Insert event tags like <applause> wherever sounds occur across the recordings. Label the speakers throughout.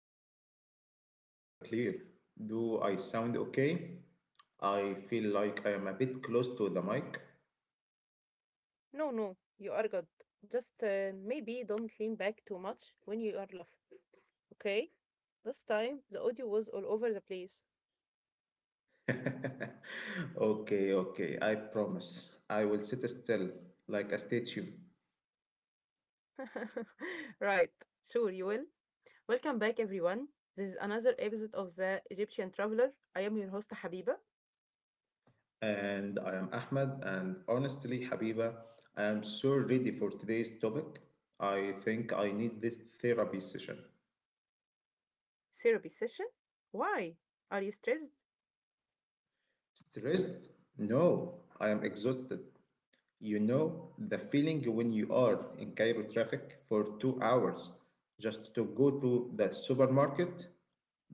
Speaker 1: Yeah, yeah. Loud and clear. Do I sound okay? I feel like I am a bit close to the mic.
Speaker 2: No, no, you are good. Just maybe don't lean back too much when you are laughing. Okay, this time the audio was all over the place.
Speaker 1: <laughs> Okay, okay. I promise. I will sit still like a statue.
Speaker 2: <laughs> Right, sure, you will. Welcome back, everyone. This is another episode of The Egyptian Traveler. I am your host, Habiba.
Speaker 1: And I am Ahmed, and honestly, Habiba, I am so ready for today's topic. I think I need this therapy session.
Speaker 2: Therapy session. Why? Are you stressed?
Speaker 1: Stressed? No, I am exhausted. You know the feeling when you are in Cairo traffic for 2 hours just to go to the supermarket?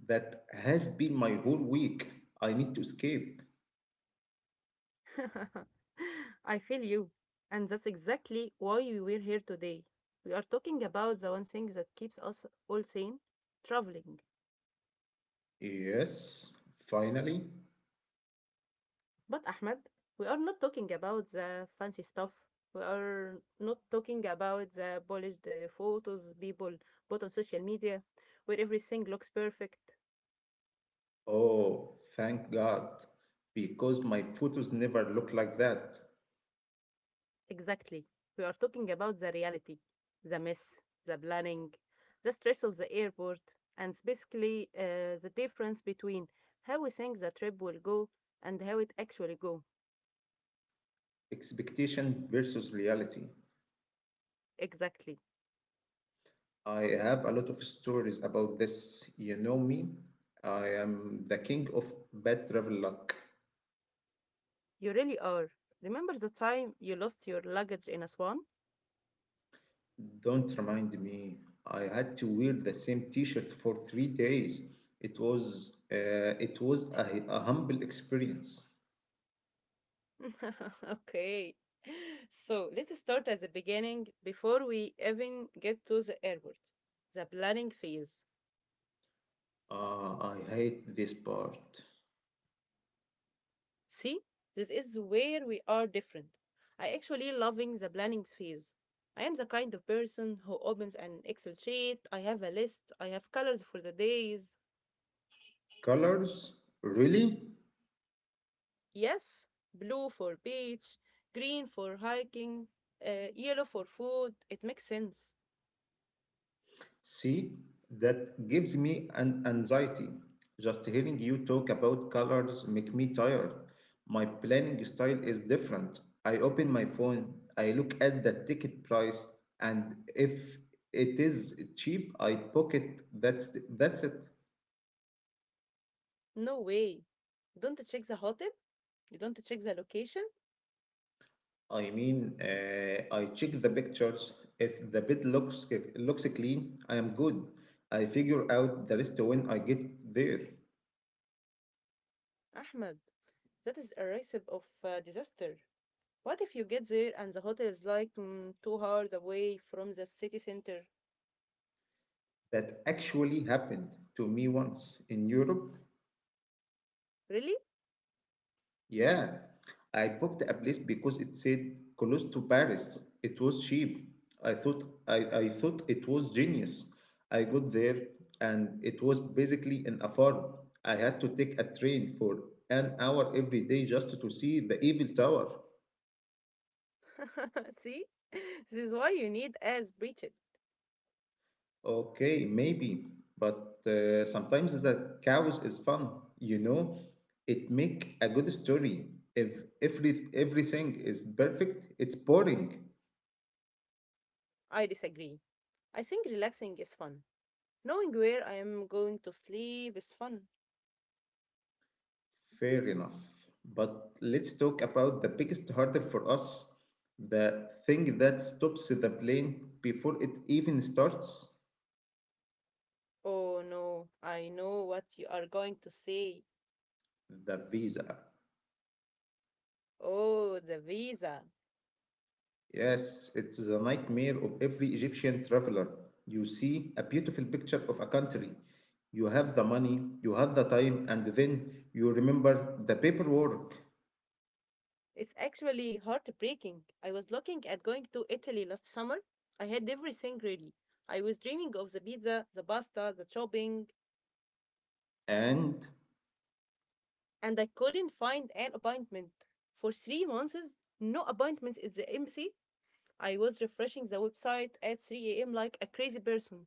Speaker 1: That has been my whole week. I need to escape.
Speaker 2: <laughs> I feel you. And that's exactly why we were here today. We are talking about the one thing that keeps us all sane traveling.
Speaker 1: Yes, finally.
Speaker 2: But, Ahmed, we are not talking about the fancy stuff. We are not talking about the polished photos people put on social media where everything looks perfect.
Speaker 1: Oh, thank God. Because my photos never look like that.
Speaker 2: Exactly. We are talking about the reality, the mess, the planning, the stress of the airport, and specifically the difference between how we think the trip will go and how it actually go.
Speaker 1: Expectation versus reality.
Speaker 2: Exactly.
Speaker 1: I have a lot of stories about this. You know me. I am the king of bad travel luck.
Speaker 2: You really are. Remember the time you lost your luggage in Aswan?
Speaker 1: Don't remind me. I had to wear the same T-shirt for 3 days. It was a humble experience.
Speaker 2: <laughs> Okay. So let's start at the beginning before we even get to the airport. The planning phase.
Speaker 1: I hate this part.
Speaker 2: See, this is where we are different. I actually loving the planning phase. I am the kind of person who opens an Excel sheet. I have a list. I have colors for the days.
Speaker 1: Colors? Really?
Speaker 2: Yes, blue for beach, green for hiking, yellow for food. It makes sense.
Speaker 1: See, that gives me an anxiety. Just hearing you talk about colors make me tired. My planning style is different. I open my phone, I look at the ticket price, and if it is cheap, I pocket. That's it.
Speaker 2: No way. You don't check the hotel. You don't check the location.
Speaker 1: I mean, I check the pictures. If the bed looks clean, I am good. I figure out the rest when I get there.
Speaker 2: Ahmed, that is a recipe of disaster. What if you get there and the hotel is like 2 hours away from the city center?
Speaker 1: That actually happened to me once in Europe.
Speaker 2: Really?
Speaker 1: Yeah, I booked a place because it said close to Paris. It was cheap. I thought I, I thought it was genius. I got there and it was basically in a farm. I had to take a train for an hour every day just to see the Eiffel Tower.
Speaker 2: <laughs> See, this is why you need as breached.
Speaker 1: Okay, maybe, but sometimes the chaos is fun. You know, it make a good story. If everything is perfect, it's boring.
Speaker 2: I disagree. I think relaxing is fun. Knowing where I am going to sleep is fun.
Speaker 1: Fair enough. But let's talk about the biggest hurdle for us, the thing that stops the plane before it even starts,
Speaker 2: Oh no, I know what you are going to say.
Speaker 1: the visa.
Speaker 2: Oh, the visa.
Speaker 1: Yes, it's the nightmare of every Egyptian traveler. You see a beautiful picture of a country. You have the money, you have the time, and then you remember the paperwork.
Speaker 2: It's actually heartbreaking. I was looking at going to Italy last summer. I had everything ready. I was dreaming of the pizza, the pasta, the shopping,
Speaker 1: And
Speaker 2: and I couldn't find an appointment. For 3 months, no appointments at the embassy. I was refreshing the website at 3 a.m. like a crazy person.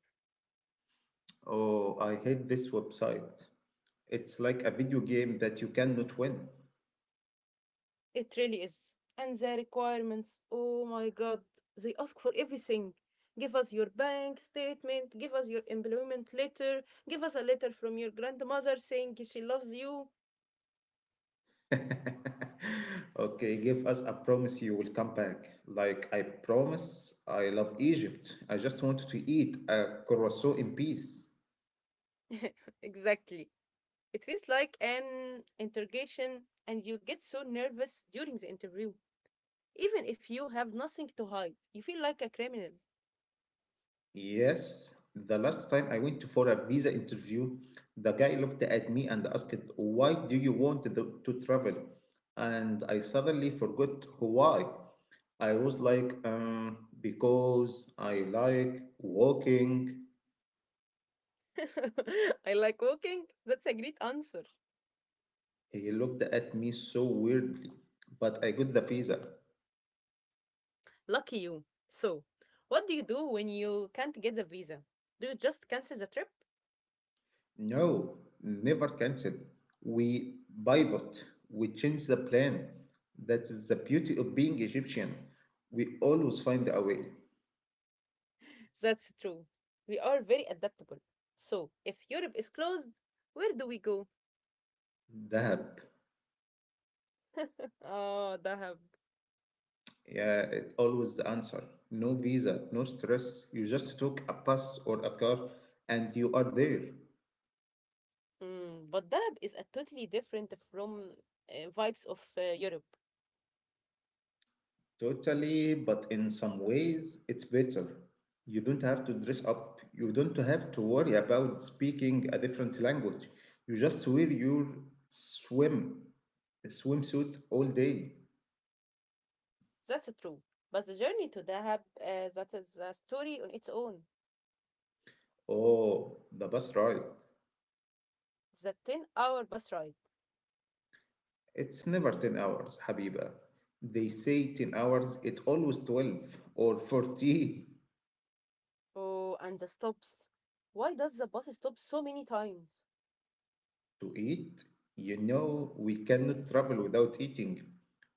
Speaker 1: oh, I hate this website. It's like a video game that you cannot win.
Speaker 2: It really is. And the requirements, oh my god, they ask for everything. Give us your bank statement, give us your employment letter, give us a letter from your grandmother saying she loves you.
Speaker 1: <laughs> Okay, give us a promise you will come back. Like, I promise I love Egypt. I just want to eat a croissant in peace.
Speaker 2: <laughs> Exactly. It feels like an interrogation, and you get so nervous during the interview. Even if you have nothing to hide, you feel like a criminal.
Speaker 1: Yes, the last time I went for a visa interview, the guy looked at me and asked, why do you want to travel? And I suddenly forgot why. I was like, because I like walking.
Speaker 2: <laughs> I like walking. That's a great answer.
Speaker 1: He looked at me so weirdly, but I got the visa.
Speaker 2: Lucky you. So, what do you do when you can't get the visa? Do you just cancel the trip?
Speaker 1: No, never cancel. We pivot, we change the plan. That is the beauty of being Egyptian. We always find a way.
Speaker 2: That's true. We are very adaptable. So, if Europe is closed, where do we go?
Speaker 1: Dahab.
Speaker 2: Oh, Dahab.
Speaker 1: Yeah, it's always the answer. No visa, no stress. You just took a bus or a car and you are there.
Speaker 2: But Dahab is a totally different from vibes of Europe.
Speaker 1: Totally, but in some ways, it's better. You don't have to dress up. You don't have to worry about speaking a different language. You just wear your swim swimsuit all day.
Speaker 2: That's true. But the journey to Dahab, that is a story on its own.
Speaker 1: Oh, the bus ride.
Speaker 2: The 10-hour bus ride.
Speaker 1: It's never 10 hours, Habiba. They say 10 hours, it's always 12 or 14.
Speaker 2: Oh, and the stops. Why does the bus stop so many times?
Speaker 1: To eat. You know, we cannot travel without eating.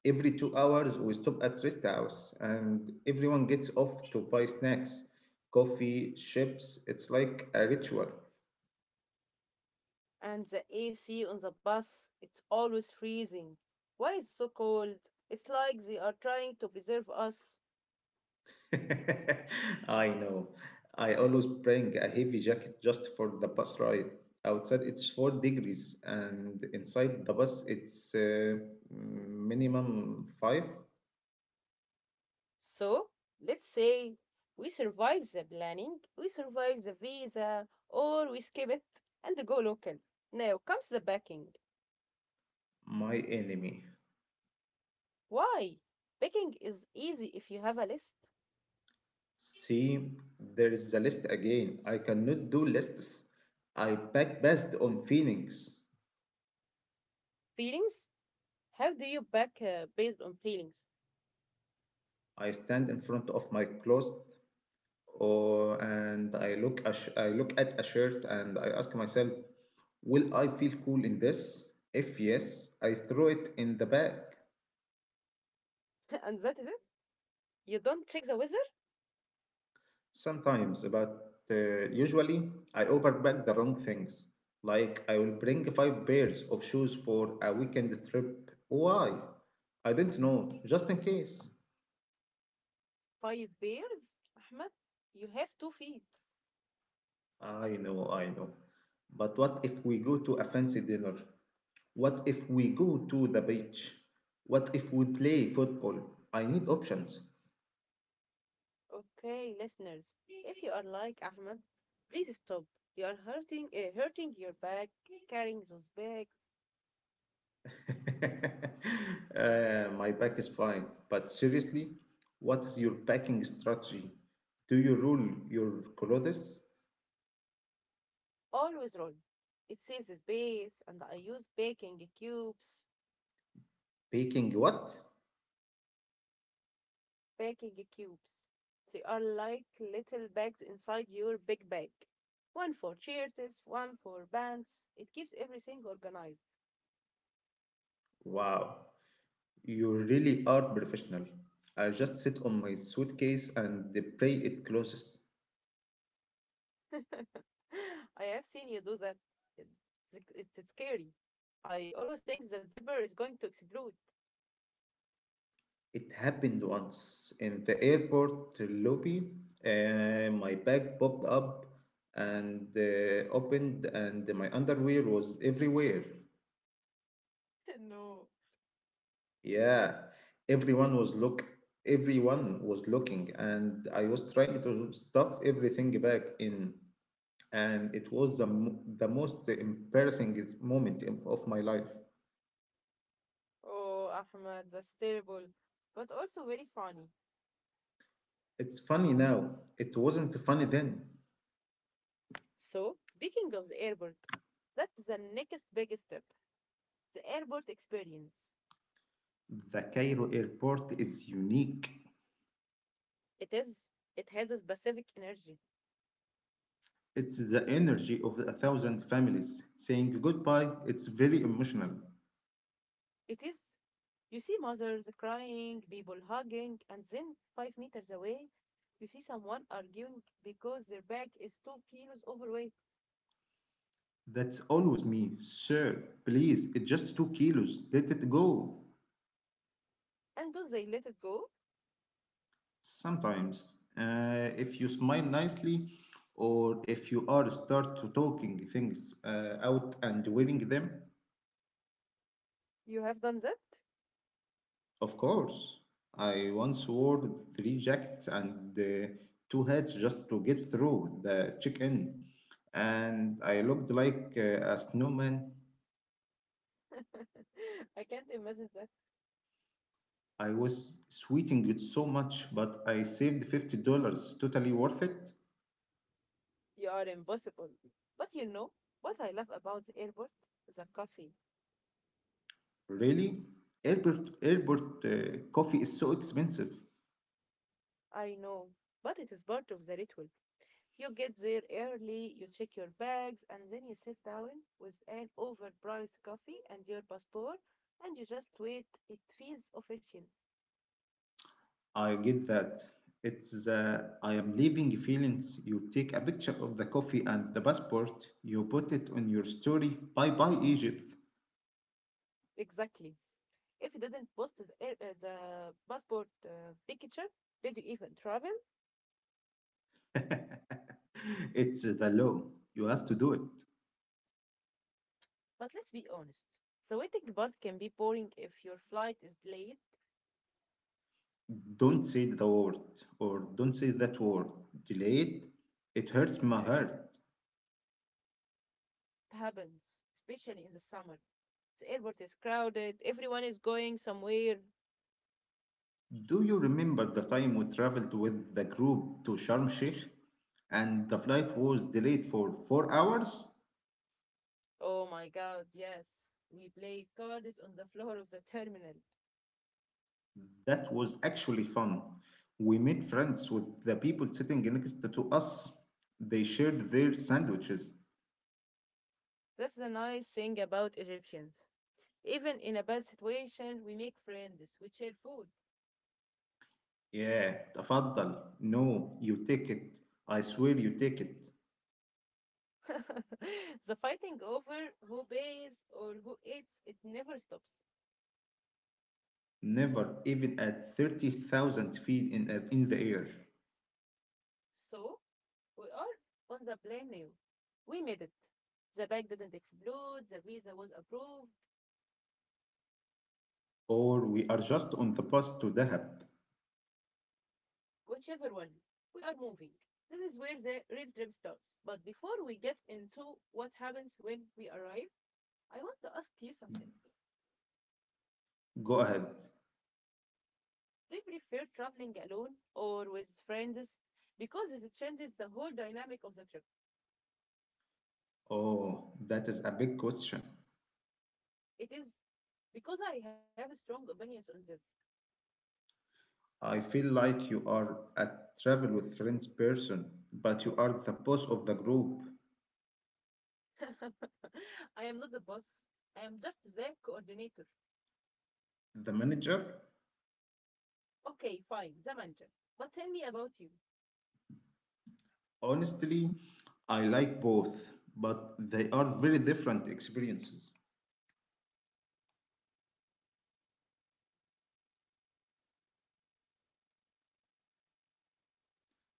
Speaker 1: Every 2 hours, we stop at rest house and everyone gets off to buy snacks, coffee, chips. It's like a ritual.
Speaker 2: And the AC on the bus, it's always freezing. Why it's so cold? It's like they are trying to preserve us.
Speaker 1: <laughs> I know. I always bring a heavy jacket just for the bus ride. Outside it's 4 degrees, and inside the bus it's minimum five.
Speaker 2: So, let's say we survive the planning, we survive the visa, or we skip it and go local. Now comes the packing.
Speaker 1: My enemy.
Speaker 2: Why? Packing is easy if you have a list.
Speaker 1: See, there is the list again. I cannot do lists. I pack based on feelings.
Speaker 2: Feelings? How do you pack based on feelings?
Speaker 1: I stand in front of my closet, or and I look at a shirt, and I ask myself, will I feel cool in this? If yes, I throw it in the bag
Speaker 2: <laughs> And that is it. You don't check the weather?
Speaker 1: sometimes, but usually I overpack the wrong things. Like I will bring five pairs of shoes for a weekend trip. Why? I don't know, just in case.
Speaker 2: Five bears? Ahmed, you have two feet.
Speaker 1: I know, I know. But what if we go to a fancy dinner? What if we go to the beach? What if we play football? I need options.
Speaker 2: Okay, listeners, if you <laughs> are like Ahmed, please stop. You are hurting your back, carrying those bags.
Speaker 1: <laughs> My pack is fine, but seriously, what is your packing strategy? Do you roll your clothes?
Speaker 2: Always roll. It saves space, and I use baking cubes.
Speaker 1: Packing what?
Speaker 2: Baking cubes. They are like little bags inside your big bag. One for shirts, one for pants. It keeps everything organized.
Speaker 1: Wow, you really are professional. I just sit on my suitcase and pray it closes.
Speaker 2: <laughs> I have seen you do that. It- it's scary. I always think that zipper is going to explode.
Speaker 1: It happened once in the airport lobby. My bag popped up and opened, and my underwear was everywhere.
Speaker 2: <laughs> No.
Speaker 1: Yeah, everyone was look, everyone was looking, and I was trying to stuff everything back in, and it was the the most embarrassing moment of my life.
Speaker 2: Oh, Ahmad, that's terrible, but also very funny.
Speaker 1: It's funny now. It wasn't funny then.
Speaker 2: So, speaking of the airport, that's the next big step, the airport experience.
Speaker 1: The Cairo airport is unique.
Speaker 2: It is, it has a specific energy.
Speaker 1: It's the energy of a thousand families saying goodbye. It's very emotional.
Speaker 2: It is, you see mothers crying, people hugging, and then 5 meters away, you see someone arguing because their bag is 2 kilos overweight.
Speaker 1: That's always me, sir. Please, it's just 2 kilos. Let it go.
Speaker 2: And do they let it go?
Speaker 1: Sometimes, if you smile nicely or if you are start to talking things out and wearing them.
Speaker 2: You have done that?
Speaker 1: Of course. I once wore three jackets and two hats just to get through the check-in, and I looked like a snowman.
Speaker 2: <laughs> I can't imagine that.
Speaker 1: I was sweating it so much, but I saved $50. Totally worth it.
Speaker 2: You are impossible. But you know what I love about the airport? The coffee.
Speaker 1: Really, airport airport coffee is so expensive.
Speaker 2: I know, but it is part of the ritual. You get there early, you check your bags, and then you sit down with an overpriced coffee and your passport, and you just wait. It feels official.
Speaker 1: I get that. It's the I am leaving feelings. You take a picture of the coffee and the passport, you put it on your story. Bye bye, Egypt.
Speaker 2: Exactly. If you didn't post the passport picture, did you even travel?
Speaker 1: <laughs> It's the law. You have to do it.
Speaker 2: But let's be honest. The waiting part can be boring if your flight is late.
Speaker 1: Don't say the word, or don't say that word. Delay it. It hurts my heart.
Speaker 2: It happens, especially in the summer. The airport is crowded. Everyone is going somewhere.
Speaker 1: Do you remember the time we traveled with the group to Sharm Sheikh and the flight was delayed for 4 hours?
Speaker 2: Oh my god, yes. We played cards on the floor of the terminal.
Speaker 1: That was actually fun. We made friends with the people sitting next to us. They shared their sandwiches.
Speaker 2: That's the nice thing about Egyptians. Even in a bad situation, we make friends. We share food.
Speaker 1: Yeah, تفضل. No, you take it. I swear you take it.
Speaker 2: <laughs> The fighting over who pays or who eats, it never stops.
Speaker 1: Never, even at 30,000 feet in the air.
Speaker 2: So, we are on the plane now. We made it. The bag didn't explode. The visa was approved.
Speaker 1: Or we are just on the bus to Dahab.
Speaker 2: Whichever one, we are moving. This is where the real trip starts. But before we get into what happens when we arrive, I want to ask you something.
Speaker 1: Go ahead.
Speaker 2: Do you prefer traveling alone or with friends? Because it changes the whole dynamic of the trip.
Speaker 1: Oh, that is a big question.
Speaker 2: It is because I have strong opinions on this.
Speaker 1: I feel like you are a travel with friends person, but you are the boss of the group,
Speaker 2: <laughs> I am not the boss. I am just the coordinator.
Speaker 1: the manager.
Speaker 2: Okay, fine, the manager. But tell me about you.
Speaker 1: Honestly, I like both, but they are very different experiences.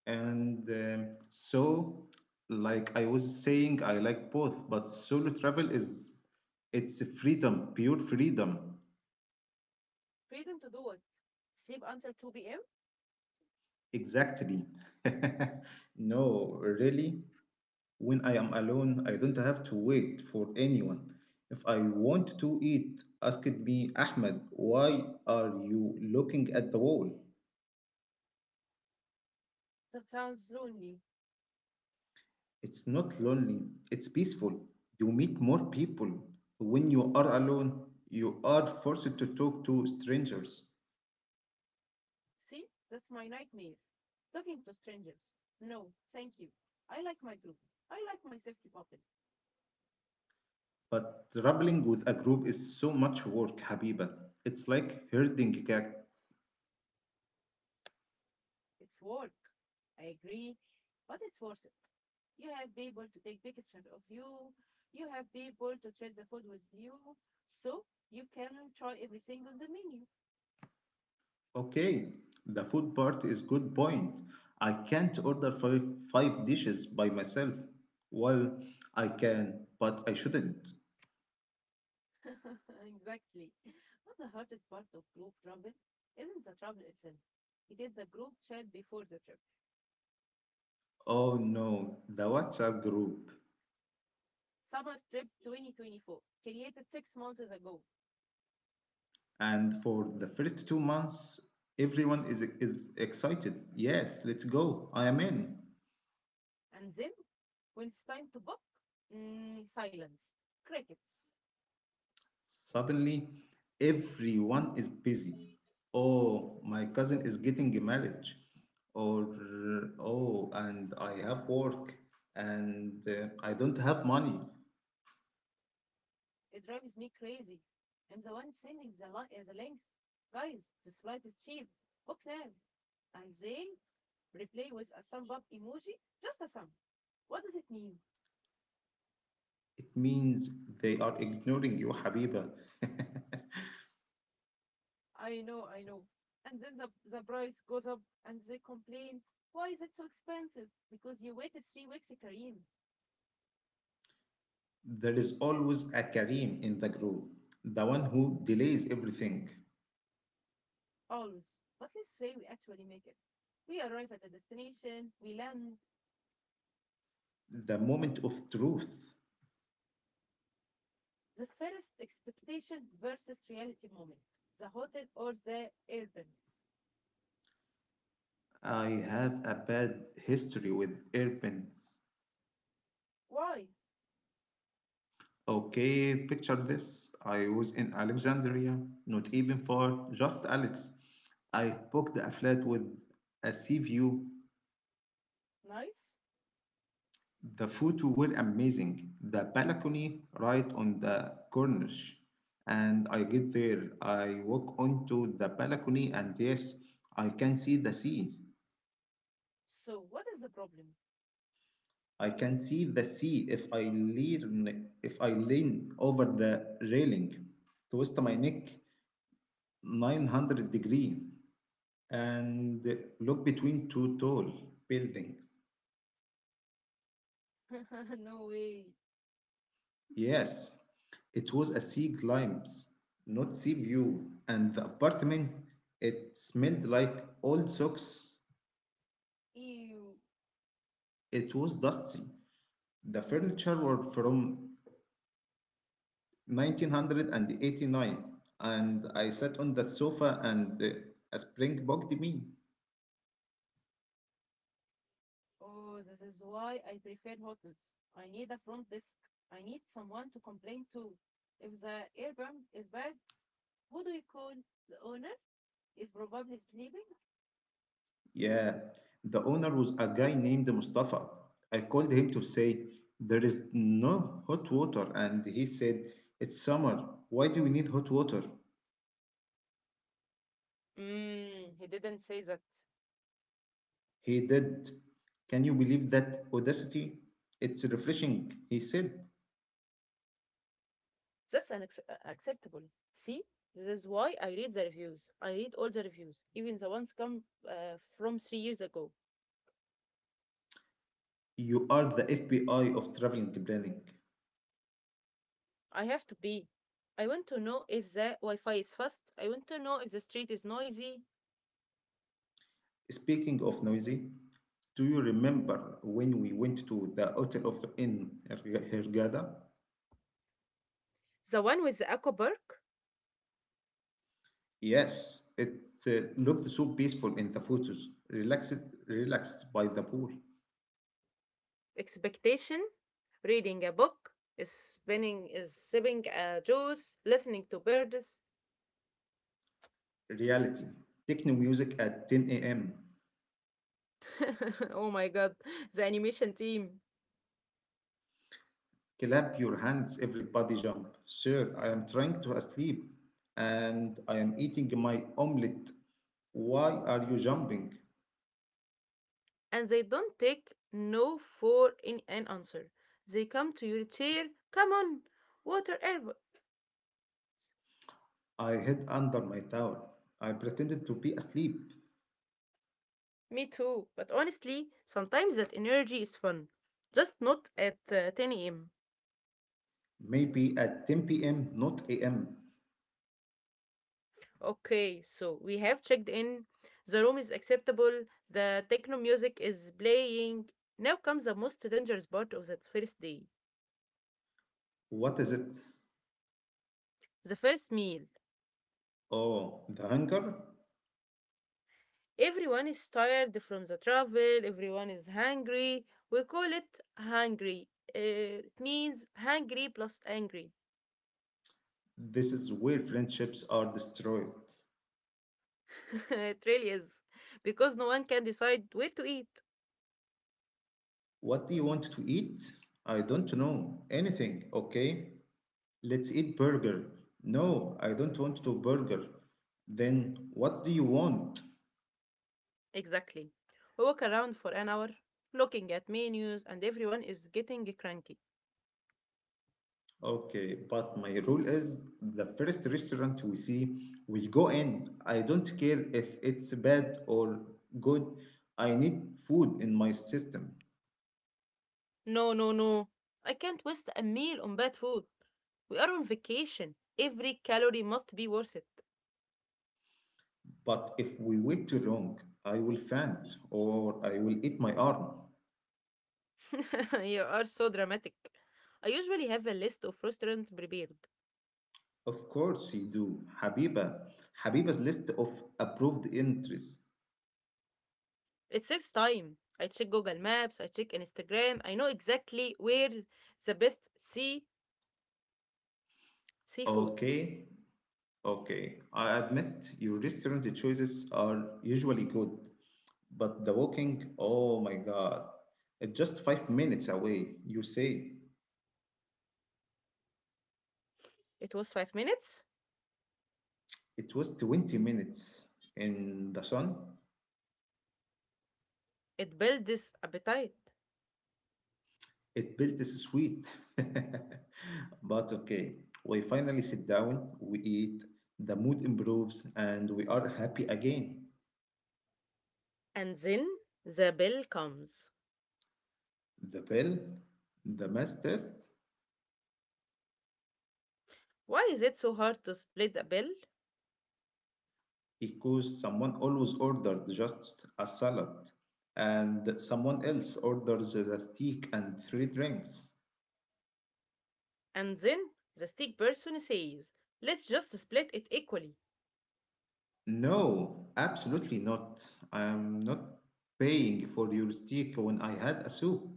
Speaker 1: And um, so, like I was saying, I like both, but solo travel is it's freedom, pure freedom.
Speaker 2: Freedom to do what? Sleep until 2 p.m.?
Speaker 1: Exactly. <laughs> No, really, when I am alone, I don't have to wait for anyone. If I want to eat, ask me, Ahmed, why are you looking at the wall?
Speaker 2: That sounds lonely.
Speaker 1: It's not lonely, it's peaceful. You meet more people. When you are alone, you are forced to talk to strangers.
Speaker 2: See, that's my nightmare. Talking to strangers. No, thank you. I like my group. I like my safety bubble.
Speaker 1: But traveling with a group is so much work, Habiba. It's like herding cats.
Speaker 2: It's work. I agree, but it's worth it. You have people to take pictures of you. You have people to share the food with you. So you can try everything on the menu.
Speaker 1: Okay, the food part is good point. I can't order five dishes by myself. Well, I can, but I shouldn't.
Speaker 2: <laughs> Exactly. But the hardest part of group travel isn't the travel itself. It is the group chat before the trip.
Speaker 1: Oh no, the WhatsApp group.
Speaker 2: Summer Trip 2024, created 6 months ago.
Speaker 1: And for the first 2 months, everyone is excited. Yes, let's go, I am in.
Speaker 2: And then, when it's time to book, silence, crickets.
Speaker 1: Suddenly everyone is busy. Oh, my cousin is getting a marriage. Or, oh, and I have work, and I don't have money.
Speaker 2: It drives me crazy. I'm the one sending the links. Guys, this flight is cheap. Book now. And they replay with a thumb up emoji, just a thumb. What does it mean?
Speaker 1: It means they are ignoring you, Habiba. <laughs>
Speaker 2: I know, I know. And then the price goes up and they complain, Why is it so expensive? Because you waited 3 weeks, Kareem.
Speaker 1: There is always a Kareem in the group, the one who delays everything.
Speaker 2: Always. But let's say we actually make it. We arrive at the destination, we land,
Speaker 1: The moment of truth.
Speaker 2: the first expectation versus reality moment, the hotel or the airbnb?
Speaker 1: I have a bad history with airplanes.
Speaker 2: Why?
Speaker 1: Okay, picture this. I was in Alexandria, not even far, just Alex. I booked a flat with a sea view.
Speaker 2: Nice.
Speaker 1: The photo were amazing. The balcony right on the corniche. And I get there, I walk onto the balcony, and yes, I can see the sea.
Speaker 2: So what is the problem?
Speaker 1: I can see the sea if I lean over the railing, twist my neck 900 degrees and look between two tall buildings.
Speaker 2: <laughs> No way.
Speaker 1: Yes, it was a sea glimpse, not sea view. And the apartment, it smelled like old socks.
Speaker 2: Ew.
Speaker 1: It was dusty. The furniture were from 1989, and I sat on the sofa and a spring bugged me.
Speaker 2: Oh, this is why I prefer hotels. I need a front desk. I need someone to complain to. If the airbnb is bad, who do you call? The owner is probably sleeping.
Speaker 1: Yeah, the owner was a guy named Mustafa. I called him to say, there is no hot water. And he said, it's summer. Why do we need hot water?
Speaker 2: Mm, he didn't say that.
Speaker 1: He did. Can you believe that audacity? It's refreshing. He said,
Speaker 2: That's unacceptable. See, this is why I read the reviews. I read all the reviews, even the ones come from 3 years ago.
Speaker 1: you are the FBI of traveling planning.
Speaker 2: I have to be. I want to know if the Wi-Fi is fast. I want to know if the street is noisy.
Speaker 1: Speaking of noisy, do you remember when we went to the hotel of in Hurghada?
Speaker 2: The one with the aqua park.
Speaker 1: Yes, it looked so peaceful in the photos, relaxed by the pool.
Speaker 2: Expectation, reading a book, is spinning, is sipping a juice, listening to birds.
Speaker 1: Reality. Techno music at 10 a.m.
Speaker 2: <laughs> Oh my god, the animation team.
Speaker 1: Clap your hands, everybody jump. Sir, I am trying to sleep and I am eating my omelette. Why are you jumping?
Speaker 2: And they don't take no for in an answer. They come to your chair, come on, water air.
Speaker 1: I hid under my towel. I pretended to be asleep.
Speaker 2: Me too, but honestly, sometimes that energy is fun, just not at 10 a.m.
Speaker 1: Maybe at 10 p.m., not a.m.
Speaker 2: Okay, so we have checked in, the room is acceptable, the techno music is playing. Now comes the most dangerous part of that first day,
Speaker 1: What is it?
Speaker 2: the first meal.
Speaker 1: Oh, the hunger?
Speaker 2: Everyone is tired from the travel, everyone is hungry. We call it hungry. It means hungry plus angry.
Speaker 1: This is where friendships are destroyed.
Speaker 2: <laughs> It really is. Because no one can decide where to eat.
Speaker 1: What do you want to eat? I don't know. Anything, okay? Let's eat burger. No, I don't want to burger. Then what do you want?
Speaker 2: Exactly. We walk around for an hour, looking at menus, and everyone is getting cranky.
Speaker 1: Okay, but my rule is the first restaurant we see, we go in. I don't care if it's bad or good. I need food in my system.
Speaker 2: No, no, no. I can't waste a meal on bad food. We are on vacation. Every calorie must be worth it.
Speaker 1: But if we wait too long, I will faint or I will eat my arm.
Speaker 2: <laughs> You are so dramatic. I usually have a list of restaurants prepared.
Speaker 1: Of course you do, Habiba. Habiba's list of approved entries.
Speaker 2: It saves time. I check Google Maps, I check Instagram. I know exactly where the best sea seafood.
Speaker 1: Okay, okay. I admit your restaurant choices are usually good, but the walking, oh my God. It's just 5 minutes away, you say.
Speaker 2: It was 5 minutes.
Speaker 1: It was 20 minutes in the sun.
Speaker 2: It builds appetite.
Speaker 1: It built this sweet. <laughs> But okay, we finally sit down, we eat, the mood improves, and we are happy again.
Speaker 2: And then the bill comes.
Speaker 1: The bill, the mess test,
Speaker 2: Why is it so hard to split the bill?
Speaker 1: because someone always ordered just a salad, and someone else orders the steak and three drinks.
Speaker 2: And then the steak person says, let's just split it equally.
Speaker 1: No, absolutely not. I am not paying for your steak when I had a soup.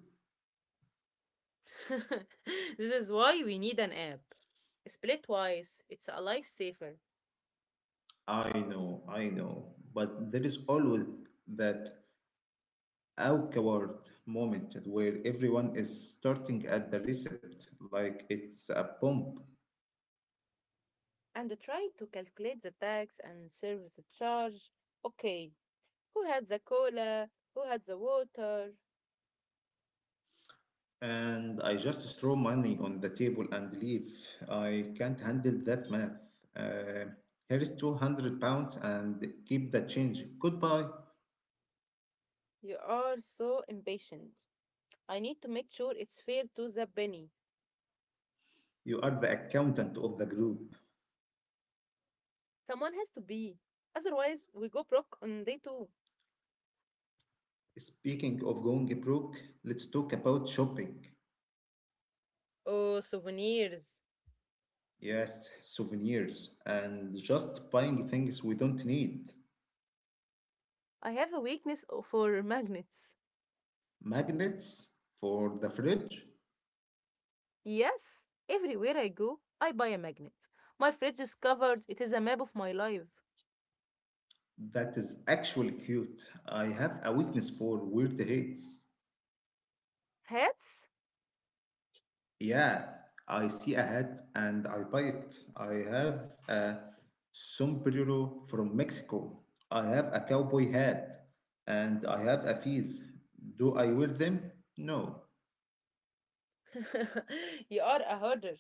Speaker 2: <laughs> This is why we need an app. Splitwise, it's a lifesaver.
Speaker 1: I know, but there is always that awkward moment where everyone is starting at the receipt like it's a pump,
Speaker 2: And trying to calculate the tax and service charge. Okay, who had the cola? Who had the water?
Speaker 1: and I just throw money on the table and leave. I can't handle that math. Uh, here is 200 pounds and keep the change. Goodbye.
Speaker 2: You are so impatient. I need to make sure it's fair to the penny.
Speaker 1: You are the accountant of the group.
Speaker 2: Someone has to be. Otherwise, we go broke on day two.
Speaker 1: Speaking of going broke, let's talk about shopping.
Speaker 2: Oh, souvenirs.
Speaker 1: Yes, souvenirs and just buying things we don't need.
Speaker 2: I have a weakness for magnets.
Speaker 1: Magnets for the fridge.
Speaker 2: Yes, everywhere I go, I buy a magnet. My fridge is covered. It is a map of my life.
Speaker 1: That is actually cute. I have a weakness for weird hats.
Speaker 2: Hats?
Speaker 1: Yeah, I see a hat and I buy it. I have a sombrero from Mexico. I have a cowboy hat and I have a fez. Do I wear them? No.
Speaker 2: <laughs> you are a hoarder.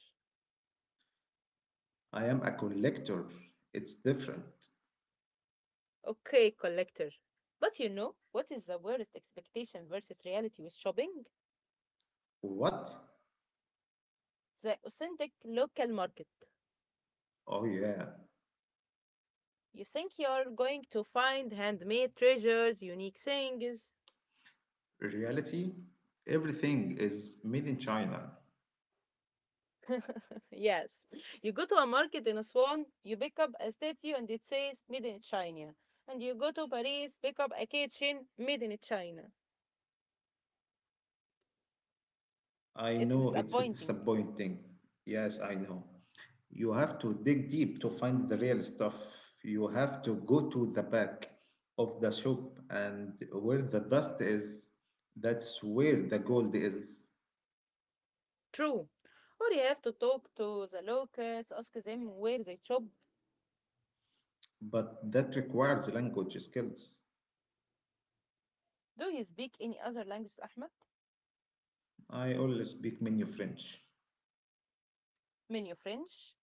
Speaker 1: I am a collector. It's different.
Speaker 2: Okay, collector. But you know, what is the worst expectation versus reality with shopping?
Speaker 1: What?
Speaker 2: The authentic local market.
Speaker 1: Oh, yeah.
Speaker 2: You think you're going to find handmade treasures, unique things.
Speaker 1: Reality? Everything is made in China.
Speaker 2: <laughs> yes. You go to a market in Aswan, you pick up a statue and it says made in China. And you go to Paris, pick up a kitchen made in China.
Speaker 1: I
Speaker 2: It's
Speaker 1: know it's
Speaker 2: disappointing.
Speaker 1: disappointing. Yes, I know. You have to dig deep to find the real stuff. You have to go to the back of the shop and where the dust is, that's where the gold is.
Speaker 2: True. Or you have to talk to the locals, ask them where they shop.
Speaker 1: But that requires language skills.
Speaker 2: Do you speak any other language, Ahmed?
Speaker 1: I only speak menu French.
Speaker 2: Menu French?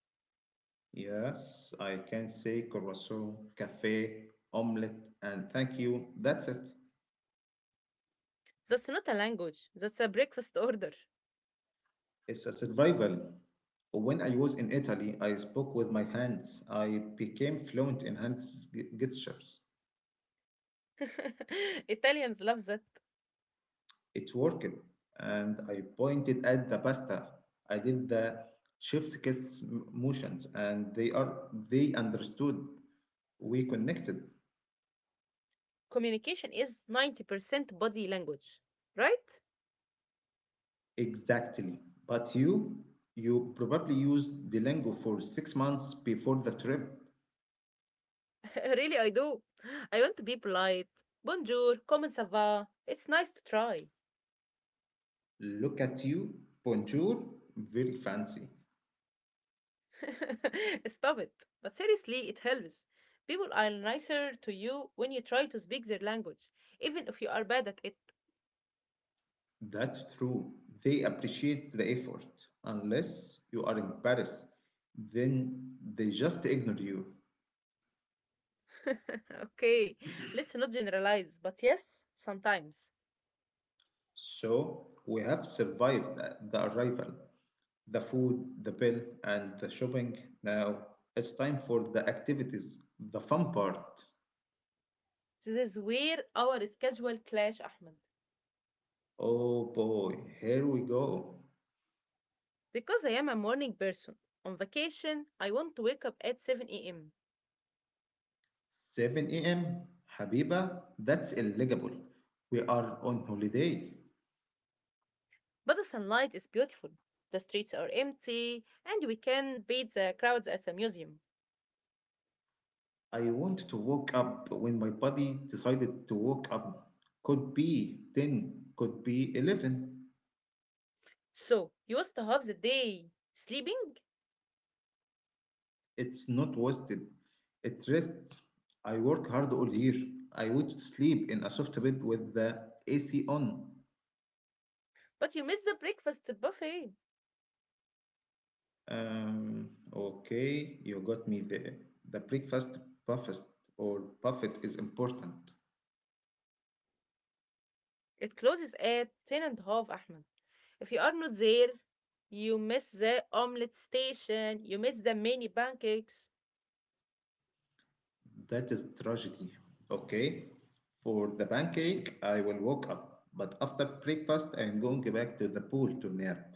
Speaker 1: Yes, I can say croissant, cafe, omelette, and thank you. That's it.
Speaker 2: That's not a language. That's a breakfast order.
Speaker 1: It's a survival. When I was in Italy, I spoke with my hands. I became fluent in hand gestures.
Speaker 2: <laughs> Italians love that.
Speaker 1: It worked, and I pointed at the pasta. I did the chef's kiss motions, and they understood. We connected.
Speaker 2: Communication is 90% body language, right?
Speaker 1: Exactly. But you probably used the lingo for 6 months before the trip.
Speaker 2: <laughs> really, I do. I want to be polite. Bonjour, comment ça va? It's nice to try.
Speaker 1: Look at you, bonjour, very fancy.
Speaker 2: <laughs> Stop it. But seriously, it helps. People are nicer to you when you try to speak their language, even if you are bad at it.
Speaker 1: That's true. They appreciate the effort. Unless you are in Paris, then they just ignore you.
Speaker 2: <laughs> okay, let's not generalize, but yes, sometimes.
Speaker 1: So we have survived the arrival, the food, the bill, and the shopping. Now it's time for the activities, the fun part.
Speaker 2: This is where our schedule clash, Ahmed.
Speaker 1: Oh boy, here we go.
Speaker 2: Because I am a morning person. On vacation, I want to wake up at 7 a.m.
Speaker 1: 7 a.m.? Habiba, that's illegible. We are on holiday.
Speaker 2: But the sunlight is beautiful, the streets are empty, and we can beat the crowds at the museum.
Speaker 1: I want to wake up when my body decided to wake up. Could be 10, could be 11.
Speaker 2: So you start the day sleeping,
Speaker 1: It's not wasted. It rests. I work hard all year. I want to sleep in a soft bed with the AC on.
Speaker 2: but you miss the breakfast buffet.
Speaker 1: Um, okay, you got me there. The breakfast buffet or buffet is important.
Speaker 2: It closes at ten and a half, Ahmed. If you are not there, you miss the omelette station, you miss the mini pancakes.
Speaker 1: That is tragedy. Okay. For the pancake, I will walk up. But after breakfast, I am going back to the pool to nap.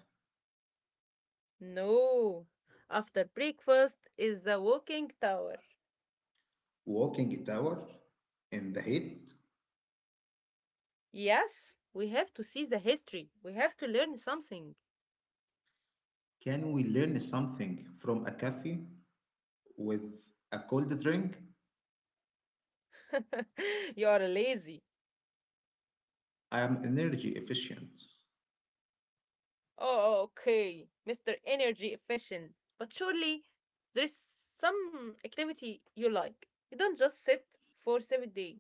Speaker 2: No. After breakfast is the walking tower.
Speaker 1: Walking it hour in the heat.
Speaker 2: Yes, we have to see the history. We have to learn something.
Speaker 1: Can we learn something from a cafe with a cold drink?
Speaker 2: <laughs> you are lazy.
Speaker 1: I am energy efficient.
Speaker 2: Oh, okay, Mr. Energy Efficient. But surely there is some activity you like. You don't just sit for 7 days.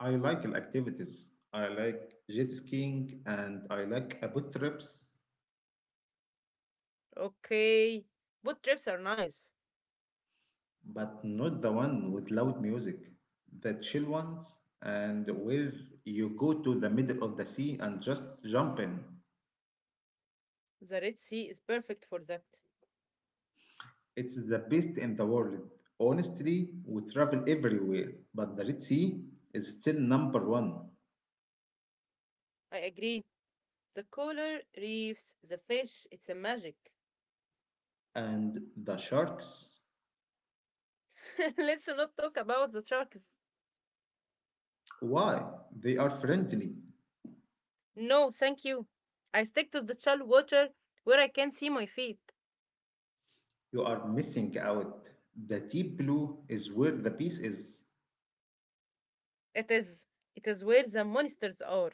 Speaker 1: I like activities. I like jet skiing and I like a boat trips.
Speaker 2: Okay, boat trips are nice.
Speaker 1: But not the one with loud music. The chill ones, and where you go to the middle of the sea and just jump in.
Speaker 2: The Red Sea is perfect for that.
Speaker 1: It's the best in the world. Honestly, we travel everywhere, but the Red Sea is still number one.
Speaker 2: I agree. The coral reefs, the fish, it's a magic.
Speaker 1: And the sharks?
Speaker 2: <laughs> Let's not talk about the sharks.
Speaker 1: Why? They are friendly.
Speaker 2: No, thank you. I stick to the shallow water where I can see my feet.
Speaker 1: You are missing out. The deep blue is where the peace is.
Speaker 2: It is, it is where the monsters are.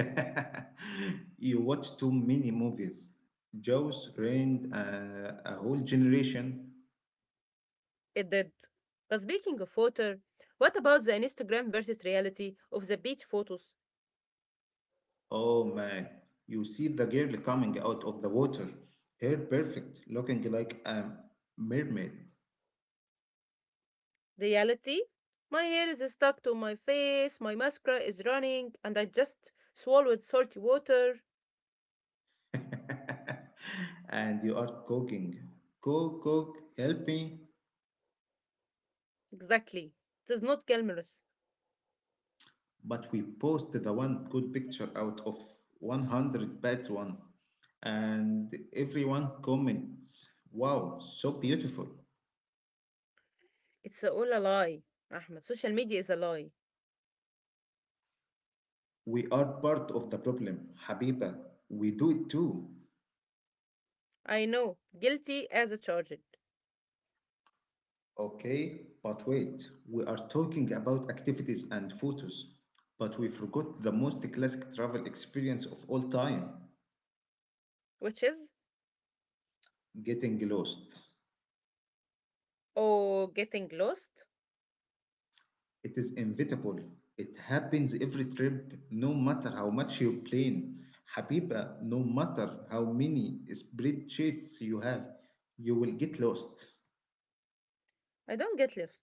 Speaker 1: <laughs> You watch too many movies. Jaws ruined a whole generation.
Speaker 2: It did. But speaking of water, what about the Instagram versus reality of the beach photos?
Speaker 1: Oh man, you see the girl coming out of the water, hair perfect, looking like a mermaid.
Speaker 2: Reality? My hair is stuck to my face, my mascara is running, and I just swallowed salty water.
Speaker 1: <laughs> And you are cooking. Cook, cook, help me.
Speaker 2: Exactly. It is not glamorous.
Speaker 1: But we post the one good picture out of 100 bad one. And everyone comments, wow, so beautiful.
Speaker 2: It's all a lie, Ahmed. Social media is a lie.
Speaker 1: We are part of the problem, Habiba. We do it too.
Speaker 2: I know. Guilty as a charged.
Speaker 1: Okay, but wait, we are talking about activities and photos, but we forgot the most classic travel experience of all time.
Speaker 2: Which is,
Speaker 1: Getting lost.
Speaker 2: oh, getting lost?
Speaker 1: It is inevitable. It happens every trip, no matter how much you plan. Habiba, no matter how many spreadsheets you have, you will get lost.
Speaker 2: I don't get lost.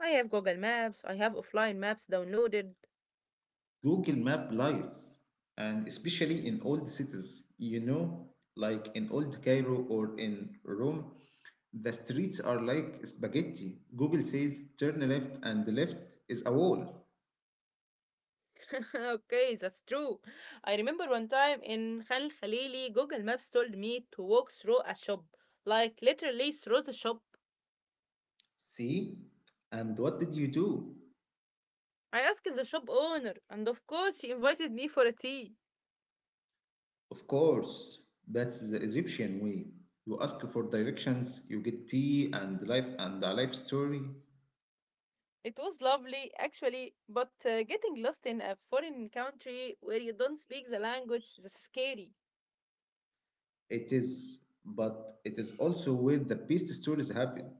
Speaker 2: I have Google Maps, I have offline maps downloaded.
Speaker 1: Google Map lies, and especially in old cities, like in old Cairo or in Rome, the streets are like spaghetti. Google says turn left, and the left is a wall.
Speaker 2: <laughs> Okay, that's true. I remember one time in Khan Khalili, Google Maps told me to walk through a shop, like literally through the shop.
Speaker 1: See? And what did you do?
Speaker 2: I asked the shop owner, and of course, she invited me for a tea.
Speaker 1: Of course, that's the Egyptian way. You ask for directions, you get tea and life and a life story.
Speaker 2: It was lovely, actually, but getting lost in a foreign country where you don't speak the language, that's scary.
Speaker 1: It is, but it is also where the best stories happen.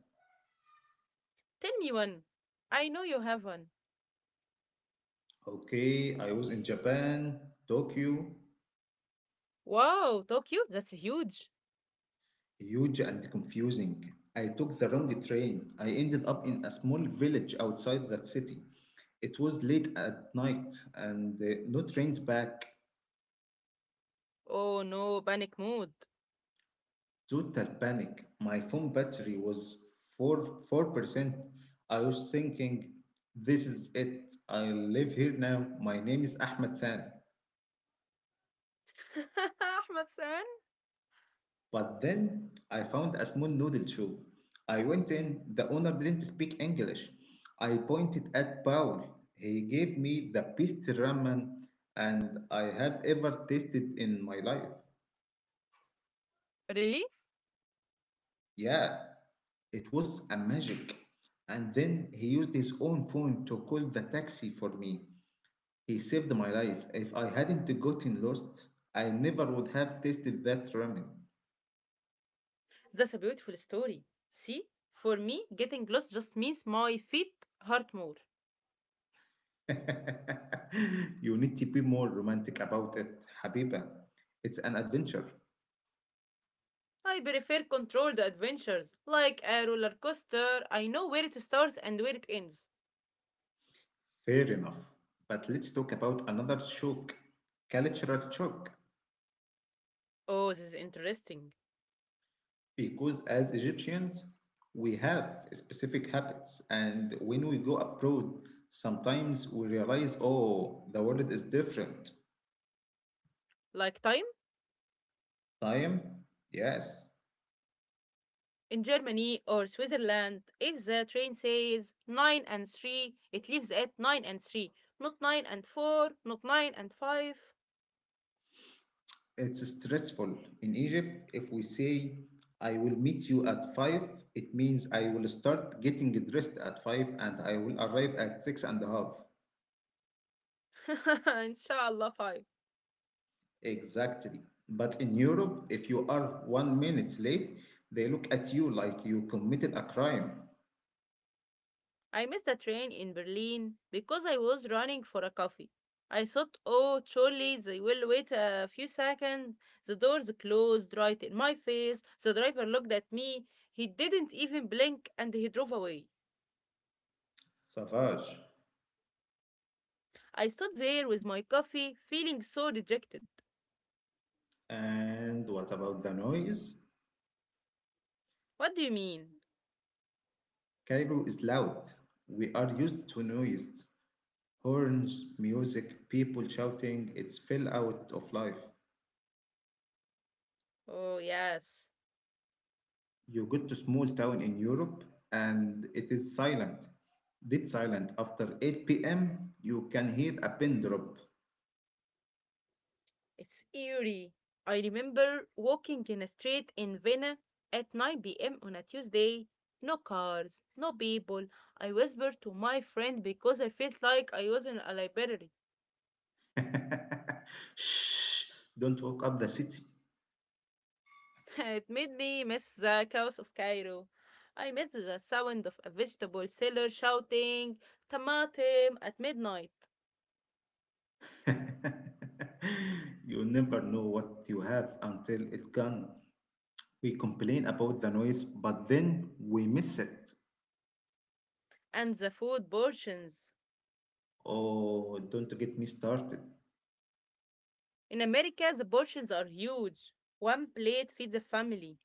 Speaker 2: Tell me one. I know you have one.
Speaker 1: Okay, I was in Japan, Tokyo,
Speaker 2: Wow, Tokyo, that's huge.
Speaker 1: huge and confusing. I took the wrong train. I ended up in a small village outside that city. It was late at night and no trains back.
Speaker 2: Oh no, panic mode.
Speaker 1: Total panic. My phone battery was 4 4%. I was thinking, this is it. I live here now. My name is Ahmed San.
Speaker 2: <laughs> Ahmad San?
Speaker 1: But then I found a small noodle shop. I went in, the owner didn't speak English. I pointed at Paul. He gave me the best ramen and I have ever tasted in my life.
Speaker 2: Really?
Speaker 1: Yeah, it was a magic. And then he used his own phone to call the taxi for me. He saved my life. If I hadn't gotten lost, I never would have tasted that ramen.
Speaker 2: That's a beautiful story. See, for me, getting lost just means my feet hurt more.
Speaker 1: <laughs> You need to be more romantic about it, Habiba. It's an adventure.
Speaker 2: I prefer controlled adventures, like a roller coaster. I know where it starts and where it ends.
Speaker 1: Fair enough. But let's talk about another shock, cultural shock.
Speaker 2: Oh, this is interesting.
Speaker 1: Because as Egyptians, we have specific habits, and when we go abroad, sometimes we realize, oh, the world is different.
Speaker 2: Like time?
Speaker 1: Time? Yes.
Speaker 2: In Germany or Switzerland, if the train says 9 and 3, it leaves at 9 and 3, not 9 and 4, not 9 and 5.
Speaker 1: It's stressful. In Egypt, if we say, I will meet you at 5, it means I will start getting dressed at 5 and I will arrive at six and a half.
Speaker 2: <laughs> Inshallah, 5.
Speaker 1: Exactly. But in Europe, if you are 1 minute late, they look at you like you committed a crime.
Speaker 2: I missed a train in Berlin because I was running for a coffee. I thought, oh, surely they will wait a few seconds. The doors closed right in my face. The driver looked at me. He didn't even blink and he drove away.
Speaker 1: Savage.
Speaker 2: I stood there with my coffee, feeling so rejected.
Speaker 1: And what about the noise?
Speaker 2: What do you mean?
Speaker 1: Cairo is loud. We are used to noise. Horns, music, people shouting, it's fell out of life.
Speaker 2: Oh, yes.
Speaker 1: You go to small town in Europe and it is silent, dead silent. After 8 p.m., you can hear a pin drop.
Speaker 2: It's eerie. I remember walking in a street in Vienna at 9 p.m. on a Tuesday. No cars, no people. I whispered to my friend because I felt like I was in a library.
Speaker 1: <laughs> Shh, don't walk up the city.
Speaker 2: <laughs> it made me miss the chaos of Cairo. I missed the sound of a vegetable seller shouting, Tamatim, at midnight,
Speaker 1: <laughs> You never know what you have until it's gone. We complain about the noise, but then we miss it.
Speaker 2: and the food portions.
Speaker 1: Oh, don't get me started.
Speaker 2: In America, the portions are huge. One plate feeds a family.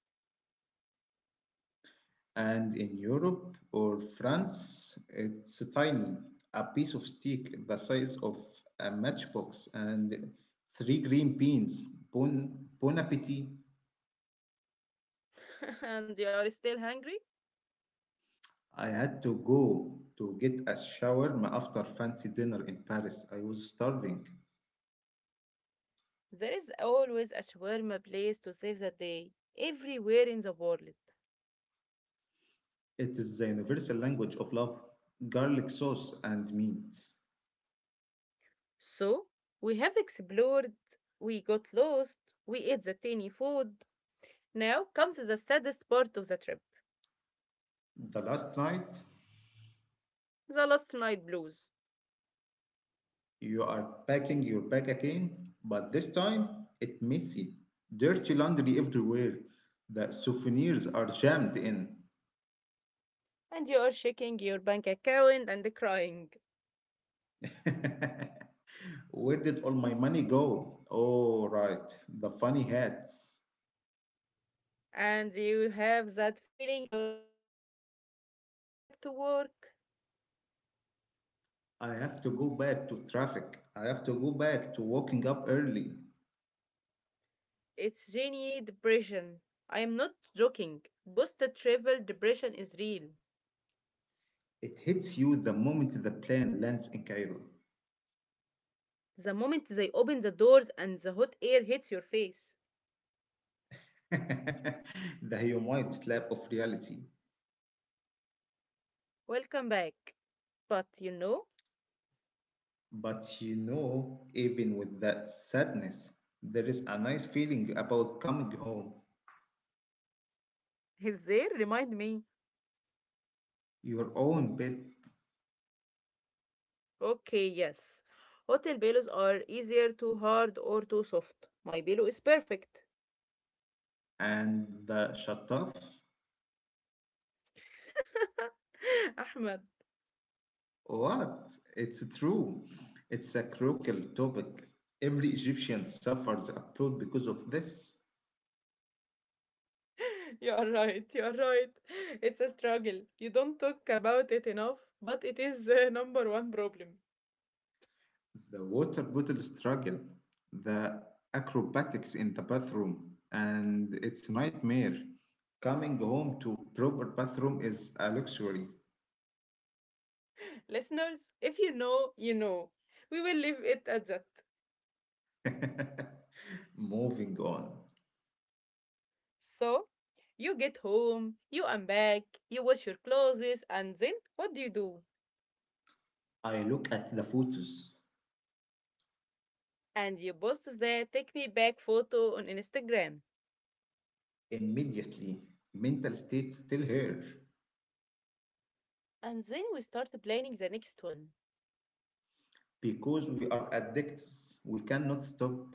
Speaker 1: And in Europe or France, it's tiny, a piece of stick the size of a matchbox and three green beans. Bon, bon appetit.
Speaker 2: <laughs> and you are still hungry?
Speaker 1: I had to go to get a shawarma after fancy dinner in Paris. I was starving.
Speaker 2: There is always a shawarma place to save the day everywhere in the world.
Speaker 1: It is the universal language of love, garlic sauce, and meat.
Speaker 2: So we have explored, we got lost, we ate the tiny food. Now comes the saddest part of the trip,
Speaker 1: The last night,
Speaker 2: the last night blues.
Speaker 1: you are packing your bag again, but this time it's messy. Dirty laundry everywhere. The souvenirs are jammed in.
Speaker 2: And you are shaking your bank account and crying.
Speaker 1: <laughs> Where did all my money go? Oh, right, the funny hats.
Speaker 2: And you have that feeling on your stomach, I have to go back to work.
Speaker 1: I have to go back to traffic. I have to go back to waking up early.
Speaker 2: It's genuine depression. I am not joking. Post travel depression is real.
Speaker 1: It hits you the moment the plane lands in Cairo.
Speaker 2: The moment they open the doors and the hot air hits your face.
Speaker 1: <laughs> The humid slap of reality.
Speaker 2: Welcome back. But you know,
Speaker 1: But you know, even with that sadness, there is a nice feeling about coming home,
Speaker 2: <laughs> is there? Remind me.
Speaker 1: your own bed,
Speaker 2: Okay, yes. Hotel pillows are easier too hard or too soft. My pillow is perfect.
Speaker 1: and the shut off.
Speaker 2: <laughs> Ahmed,
Speaker 1: What? It's true. It's a crucial topic. Every Egyptian suffers abroad because of this.
Speaker 2: you are right. You are right. It's a struggle. You don't talk about it enough, but it is the number one problem.
Speaker 1: The water bottle struggle, the acrobatics in the bathroom, and its nightmare. Coming home to proper bathroom is a luxury.
Speaker 2: Listeners, if you know, you know. We will leave it at that.
Speaker 1: <laughs> Moving on.
Speaker 2: So you get home, you unpack, you wash your clothes, and then what do you do?
Speaker 1: I look at the photos
Speaker 2: And you post the take me back photo on Instagram.
Speaker 1: immediately. Mental state still here.
Speaker 2: And then we start planning the next one.
Speaker 1: Because we are addicts, we cannot stop.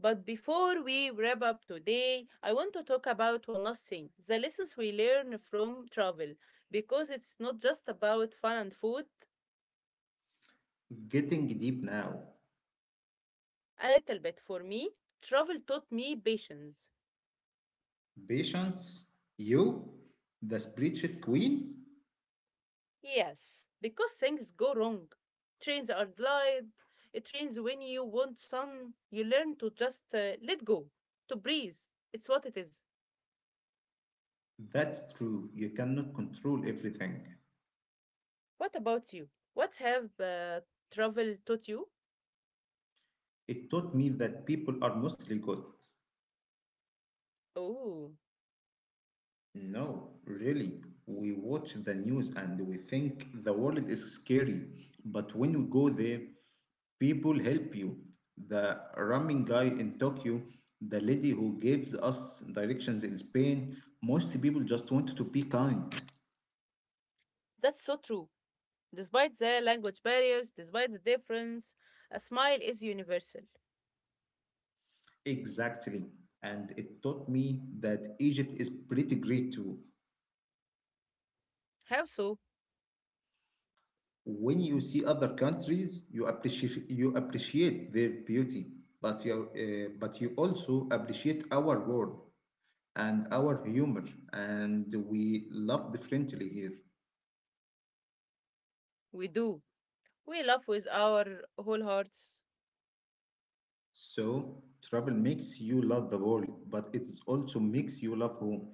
Speaker 2: But before we wrap up today, I want to talk about one last thing the lessons we learn from travel. Because it's not just about fun and food,
Speaker 1: Getting deep now.
Speaker 2: a little bit for me, travel taught me patience.
Speaker 1: Patience, you, the spiritual queen?
Speaker 2: Yes, because things go wrong. Trains are delayed. It rains when you want sun. You learn to just let go, to breathe. It's what it is.
Speaker 1: That's true, you cannot control everything.
Speaker 2: What about you? What have travel taught you?
Speaker 1: It taught me that people are mostly good.
Speaker 2: Oh,
Speaker 1: No, really. We watch the news and we think the world is scary, but when we go there, people help you. The ramen guy in Tokyo, the lady who gives us directions in Spain, most people just want to be kind.
Speaker 2: that's so true. Despite the language barriers, despite the difference, a smile is universal.
Speaker 1: Exactly. And it taught me that Egypt is pretty great too.
Speaker 2: How so?
Speaker 1: When you see other countries, you appreciate their beauty, but you also appreciate our world and our humor, and we love differently here.
Speaker 2: We do. We love with our whole hearts.
Speaker 1: So travel makes you love the world, but it also makes you love home.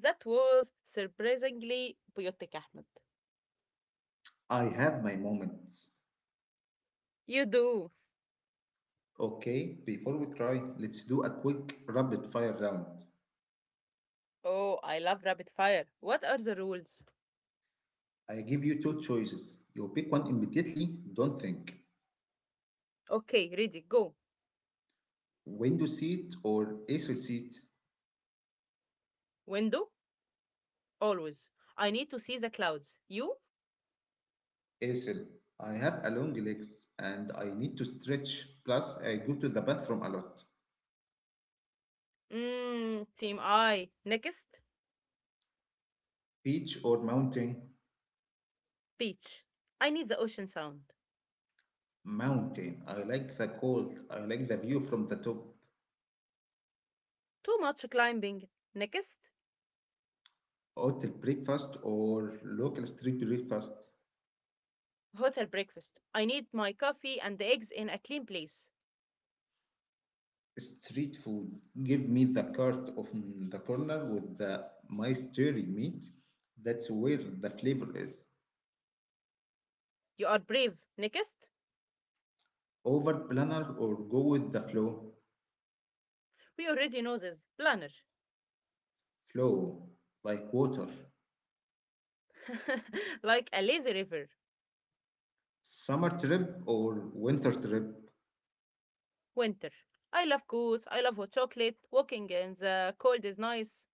Speaker 2: That was surprisingly poetic, Ahmed.
Speaker 1: I have my moments.
Speaker 2: You do.
Speaker 1: Okay, before we try, let's do a quick rapid fire round.
Speaker 2: Oh, I love rapid fire. What are the rules?
Speaker 1: I give you two choices. You pick one immediately, don't think.
Speaker 2: Okay, ready, go.
Speaker 1: Window seat or aisle seat?
Speaker 2: Window, always. I need to see the clouds. You?
Speaker 1: Aisle. I have a long legs and I need to stretch, plus I go to the bathroom a lot.
Speaker 2: Mmm, team I. Next,
Speaker 1: Beach or mountain?
Speaker 2: beach. I need the ocean sound.
Speaker 1: Mountain. I like the cold. I like the view from the top.
Speaker 2: Too much climbing. Next,
Speaker 1: Hotel breakfast or local street breakfast?
Speaker 2: hotel breakfast. I need my coffee and the eggs in a clean place.
Speaker 1: Street food. Give me the cart of the corner with the mystery meat. That's where the flavor is.
Speaker 2: You are brave. Next,
Speaker 1: Over planner or go with the flow?
Speaker 2: we already know this. Planner.
Speaker 1: Flow like water.
Speaker 2: <laughs> like a lazy river.
Speaker 1: Summer trip or winter trip?
Speaker 2: Winter. I love coats. I love hot chocolate. Walking in the cold is nice.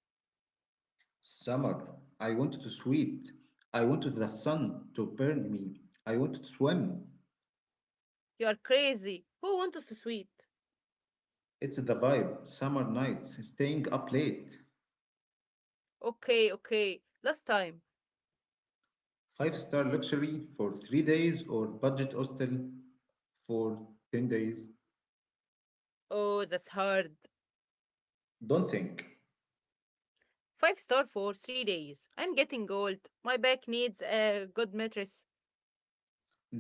Speaker 1: Summer. I want to sweat. I want the sun to burn me. I want to swim.
Speaker 2: You're crazy. Who wants us to sweet?
Speaker 1: It's the vibe. Summer nights. Staying up late.
Speaker 2: Okay, okay. Last time.
Speaker 1: Five-star luxury for 3 days or budget hostel for 10 days?
Speaker 2: Oh, that's hard.
Speaker 1: Don't think.
Speaker 2: Five star for 3 days. I'm getting old. My back needs a good mattress.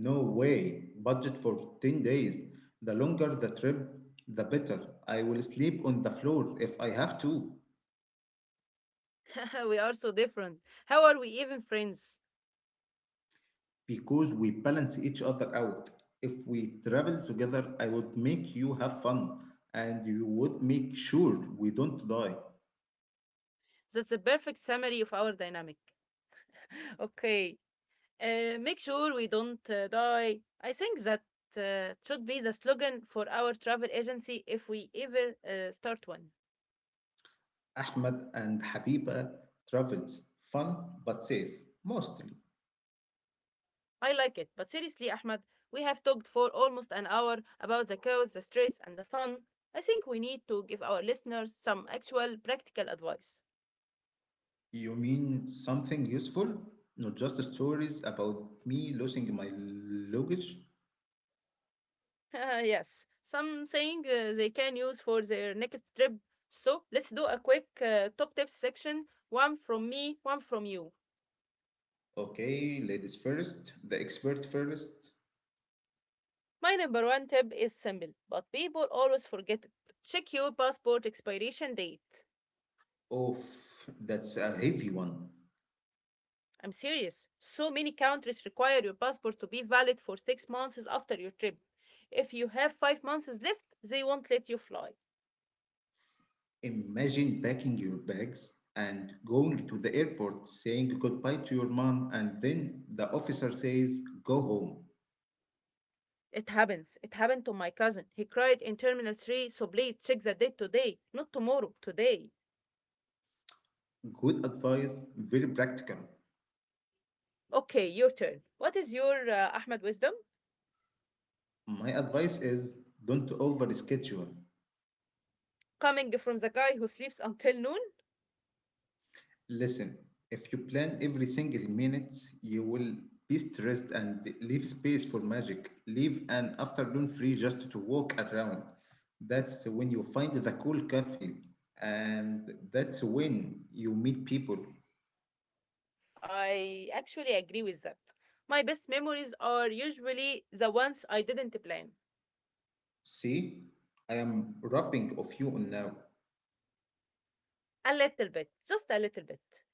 Speaker 1: No way. Budget for 10 days. The longer the trip, the better. I will sleep on the floor if I have to.
Speaker 2: <laughs> we are so different. How are we even friends?
Speaker 1: Because we balance each other out. If we travel together, I would make you have fun and you would make sure we don't die.
Speaker 2: That's the perfect summary of our dynamic. Okay. Make sure we don't die. I think that should be the slogan for our travel agency if we ever start one.
Speaker 1: Ahmed and Habiba travels, fun but safe mostly.
Speaker 2: I like it. But seriously, Ahmed, we have talked for almost an hour about the chaos, the stress, and the fun. I think we need to give our listeners some actual practical advice.
Speaker 1: You mean something useful? Not just stories about me losing my luggage?
Speaker 2: <laughs> yes, something they can use for their next trip. So let's do a quick top tips section one from me, one from you.
Speaker 1: Okay, ladies first, the expert first.
Speaker 2: My number one tip is simple, but people always forget it. Check your passport expiration date.
Speaker 1: Oh, that's a heavy one.
Speaker 2: I'm serious. So many countries require your passport to be valid for 6 months after your trip. If you have 5 months left, they won't let you fly.
Speaker 1: Imagine packing your bags and going to the airport saying goodbye to your mom, and then the officer says, Go home.
Speaker 2: It happens. It happened to my cousin. He cried in Terminal 3, so please check the date today, not tomorrow, today.
Speaker 1: Good advice, very practical.
Speaker 2: Okay, your turn. What is your Ahmed wisdom?
Speaker 1: My advice is don't over schedule.
Speaker 2: Coming from the guy who sleeps until noon?
Speaker 1: Listen, if you plan every single minute, you will be stressed and leave space for magic. Leave an afternoon free just to walk around. That's when you find the cool cafe, and that's when you meet people.
Speaker 2: I actually agree with that. My best memories are usually the ones I didn't plan.
Speaker 1: See, I am rubbing of you on now.
Speaker 2: A little bit, just a little bit.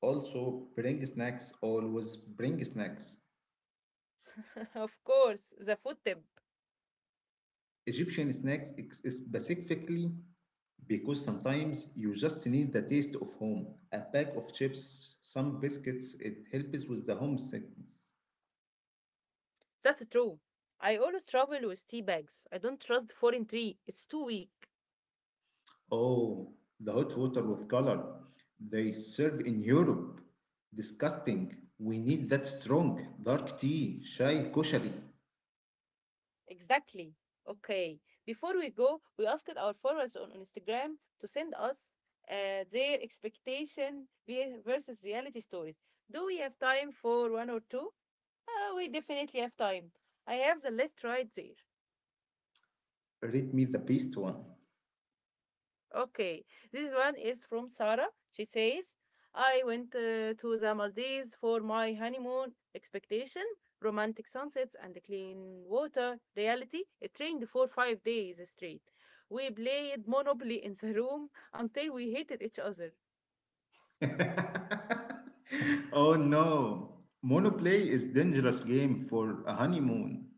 Speaker 1: Also, bring snacks, always bring snacks.
Speaker 2: <laughs> Of course, the food tip.
Speaker 1: Egyptian snacks specifically. Because sometimes you just need the taste of home. A pack of chips, some biscuits, it helps with the homesickness.
Speaker 2: That's true. I always travel with tea bags. I don't trust foreign tea. It's too weak.
Speaker 1: Oh, the hot water with color they serve in Europe. Disgusting. We need that strong, dark tea, chai, koshari.
Speaker 2: Exactly. Okay. Before we go, we asked our followers on Instagram to send us their versus reality stories. Do we have time for one or two? We definitely have time. I have the list right there.
Speaker 1: Read me the best one.
Speaker 2: Okay, this one is from Sarah. She says, I went to the Maldives for my honeymoon. Expectation, romantic sunsets, and clean water. Reality, it rained for 5 days straight. We played Monopoly in the room until we hated each other.
Speaker 1: <laughs> Oh no. Monoplay is dangerous game for a honeymoon.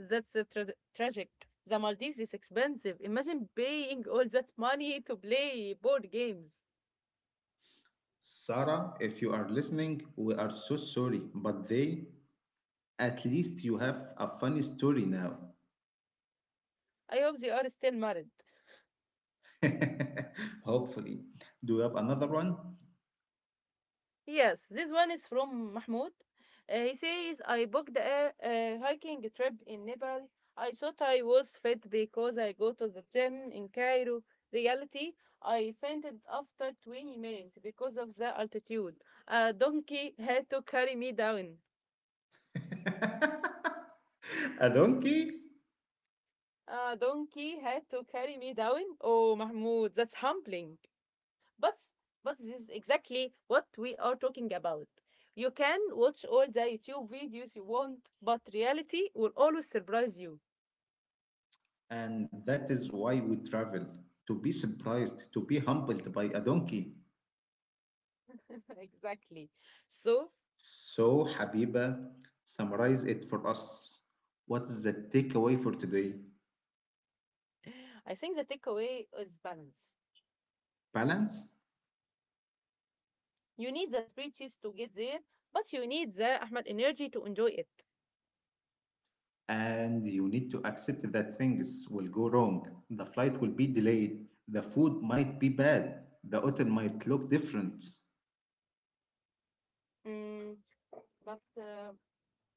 Speaker 2: That's uh, tra- Tragic. The Maldives is expensive. Imagine paying all that money to play board games.
Speaker 1: Sarah, if you are listening, we are so sorry, but they at least you have a funny story now.
Speaker 2: I hope they are still married.
Speaker 1: <laughs> Hopefully. Do you have another one?
Speaker 2: Yes, this one is from Mahmoud. He says, I booked a hiking trip in Nepal. I thought I was fit because I go to the gym in Cairo. Reality, I fainted after 20 minutes because of the altitude. A donkey had to carry me down.
Speaker 1: <laughs> A donkey?
Speaker 2: A donkey had to carry me down. Oh, Mahmoud, that's humbling. But but this is exactly what we are talking about. You can watch all the YouTube videos you want, but reality will always surprise you.
Speaker 1: And that is why we travel to be surprised, to be humbled by a donkey.
Speaker 2: <laughs> exactly. So
Speaker 1: So, Habiba, summarize it for us. What is the takeaway for today?
Speaker 2: I think the takeaway is balance.
Speaker 1: Balance?
Speaker 2: You need the speeches to get there, but you need the Ahmed energy to enjoy it.
Speaker 1: And you need to accept that things will go wrong. The flight will be delayed. The food might be bad. The hotel might look different.
Speaker 2: Mm, but uh,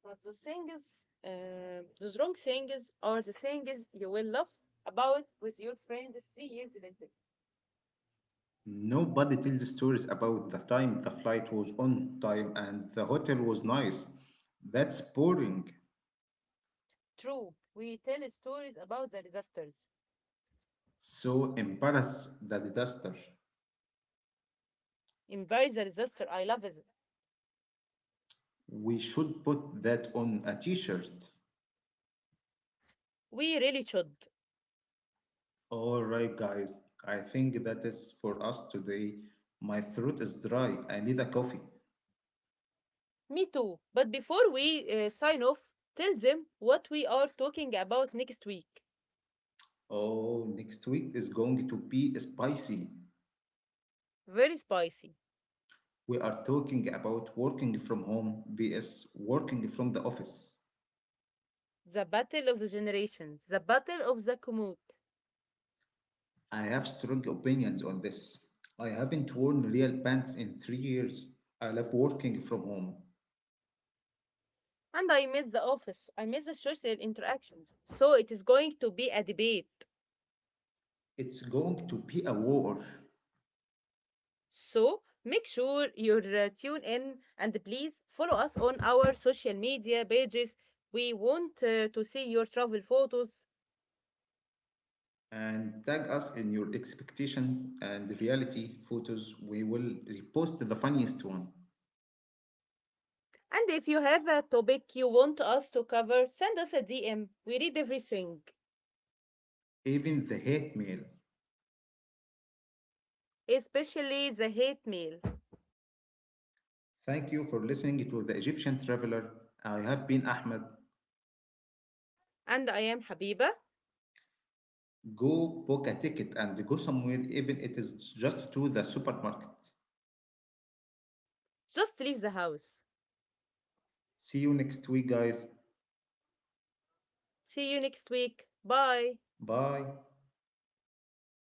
Speaker 2: but the wrong things are the things you will love about with your friends 3 years later.
Speaker 1: Nobody tells stories about the time the flight was on time and the hotel was nice. That's boring.
Speaker 2: True, we tell stories about the disasters.
Speaker 1: So embarrass the disaster.
Speaker 2: Embrace the disaster. I love it.
Speaker 1: We should put that on a t shirt.
Speaker 2: We really should.
Speaker 1: All right, guys. I think that is for us today. My throat is dry. I need a coffee.
Speaker 2: Me too. But before we sign off, tell them what we are talking about next week.
Speaker 1: Oh, next week is going to be spicy.
Speaker 2: Very spicy.
Speaker 1: We are talking about working from home vs working from the office.
Speaker 2: The battle of the generations, the battle of the commute.
Speaker 1: I have strong opinions on this. I haven't worn real pants in 3 years. I love working from home.
Speaker 2: And I miss the office. I miss the social interactions. So it is going to be a debate.
Speaker 1: It's going to be a war.
Speaker 2: So make sure you're tuned in and please follow us on our social media pages. We want to see your travel photos.
Speaker 1: And tag us in your expectation and reality photos. We will repost the funniest one,
Speaker 2: And if you have a topic you want us to cover, send us a DM. We read everything,
Speaker 1: even the hate mail.
Speaker 2: especially the hate mail.
Speaker 1: Thank you for listening to The Egyptian Traveler. I have been Ahmed.
Speaker 2: And I am Habiba.
Speaker 1: Go book a ticket and go somewhere, even it is just to the supermarket.
Speaker 2: Just leave the house.
Speaker 1: See you next week, guys.
Speaker 2: See you next week. Bye.
Speaker 1: Bye.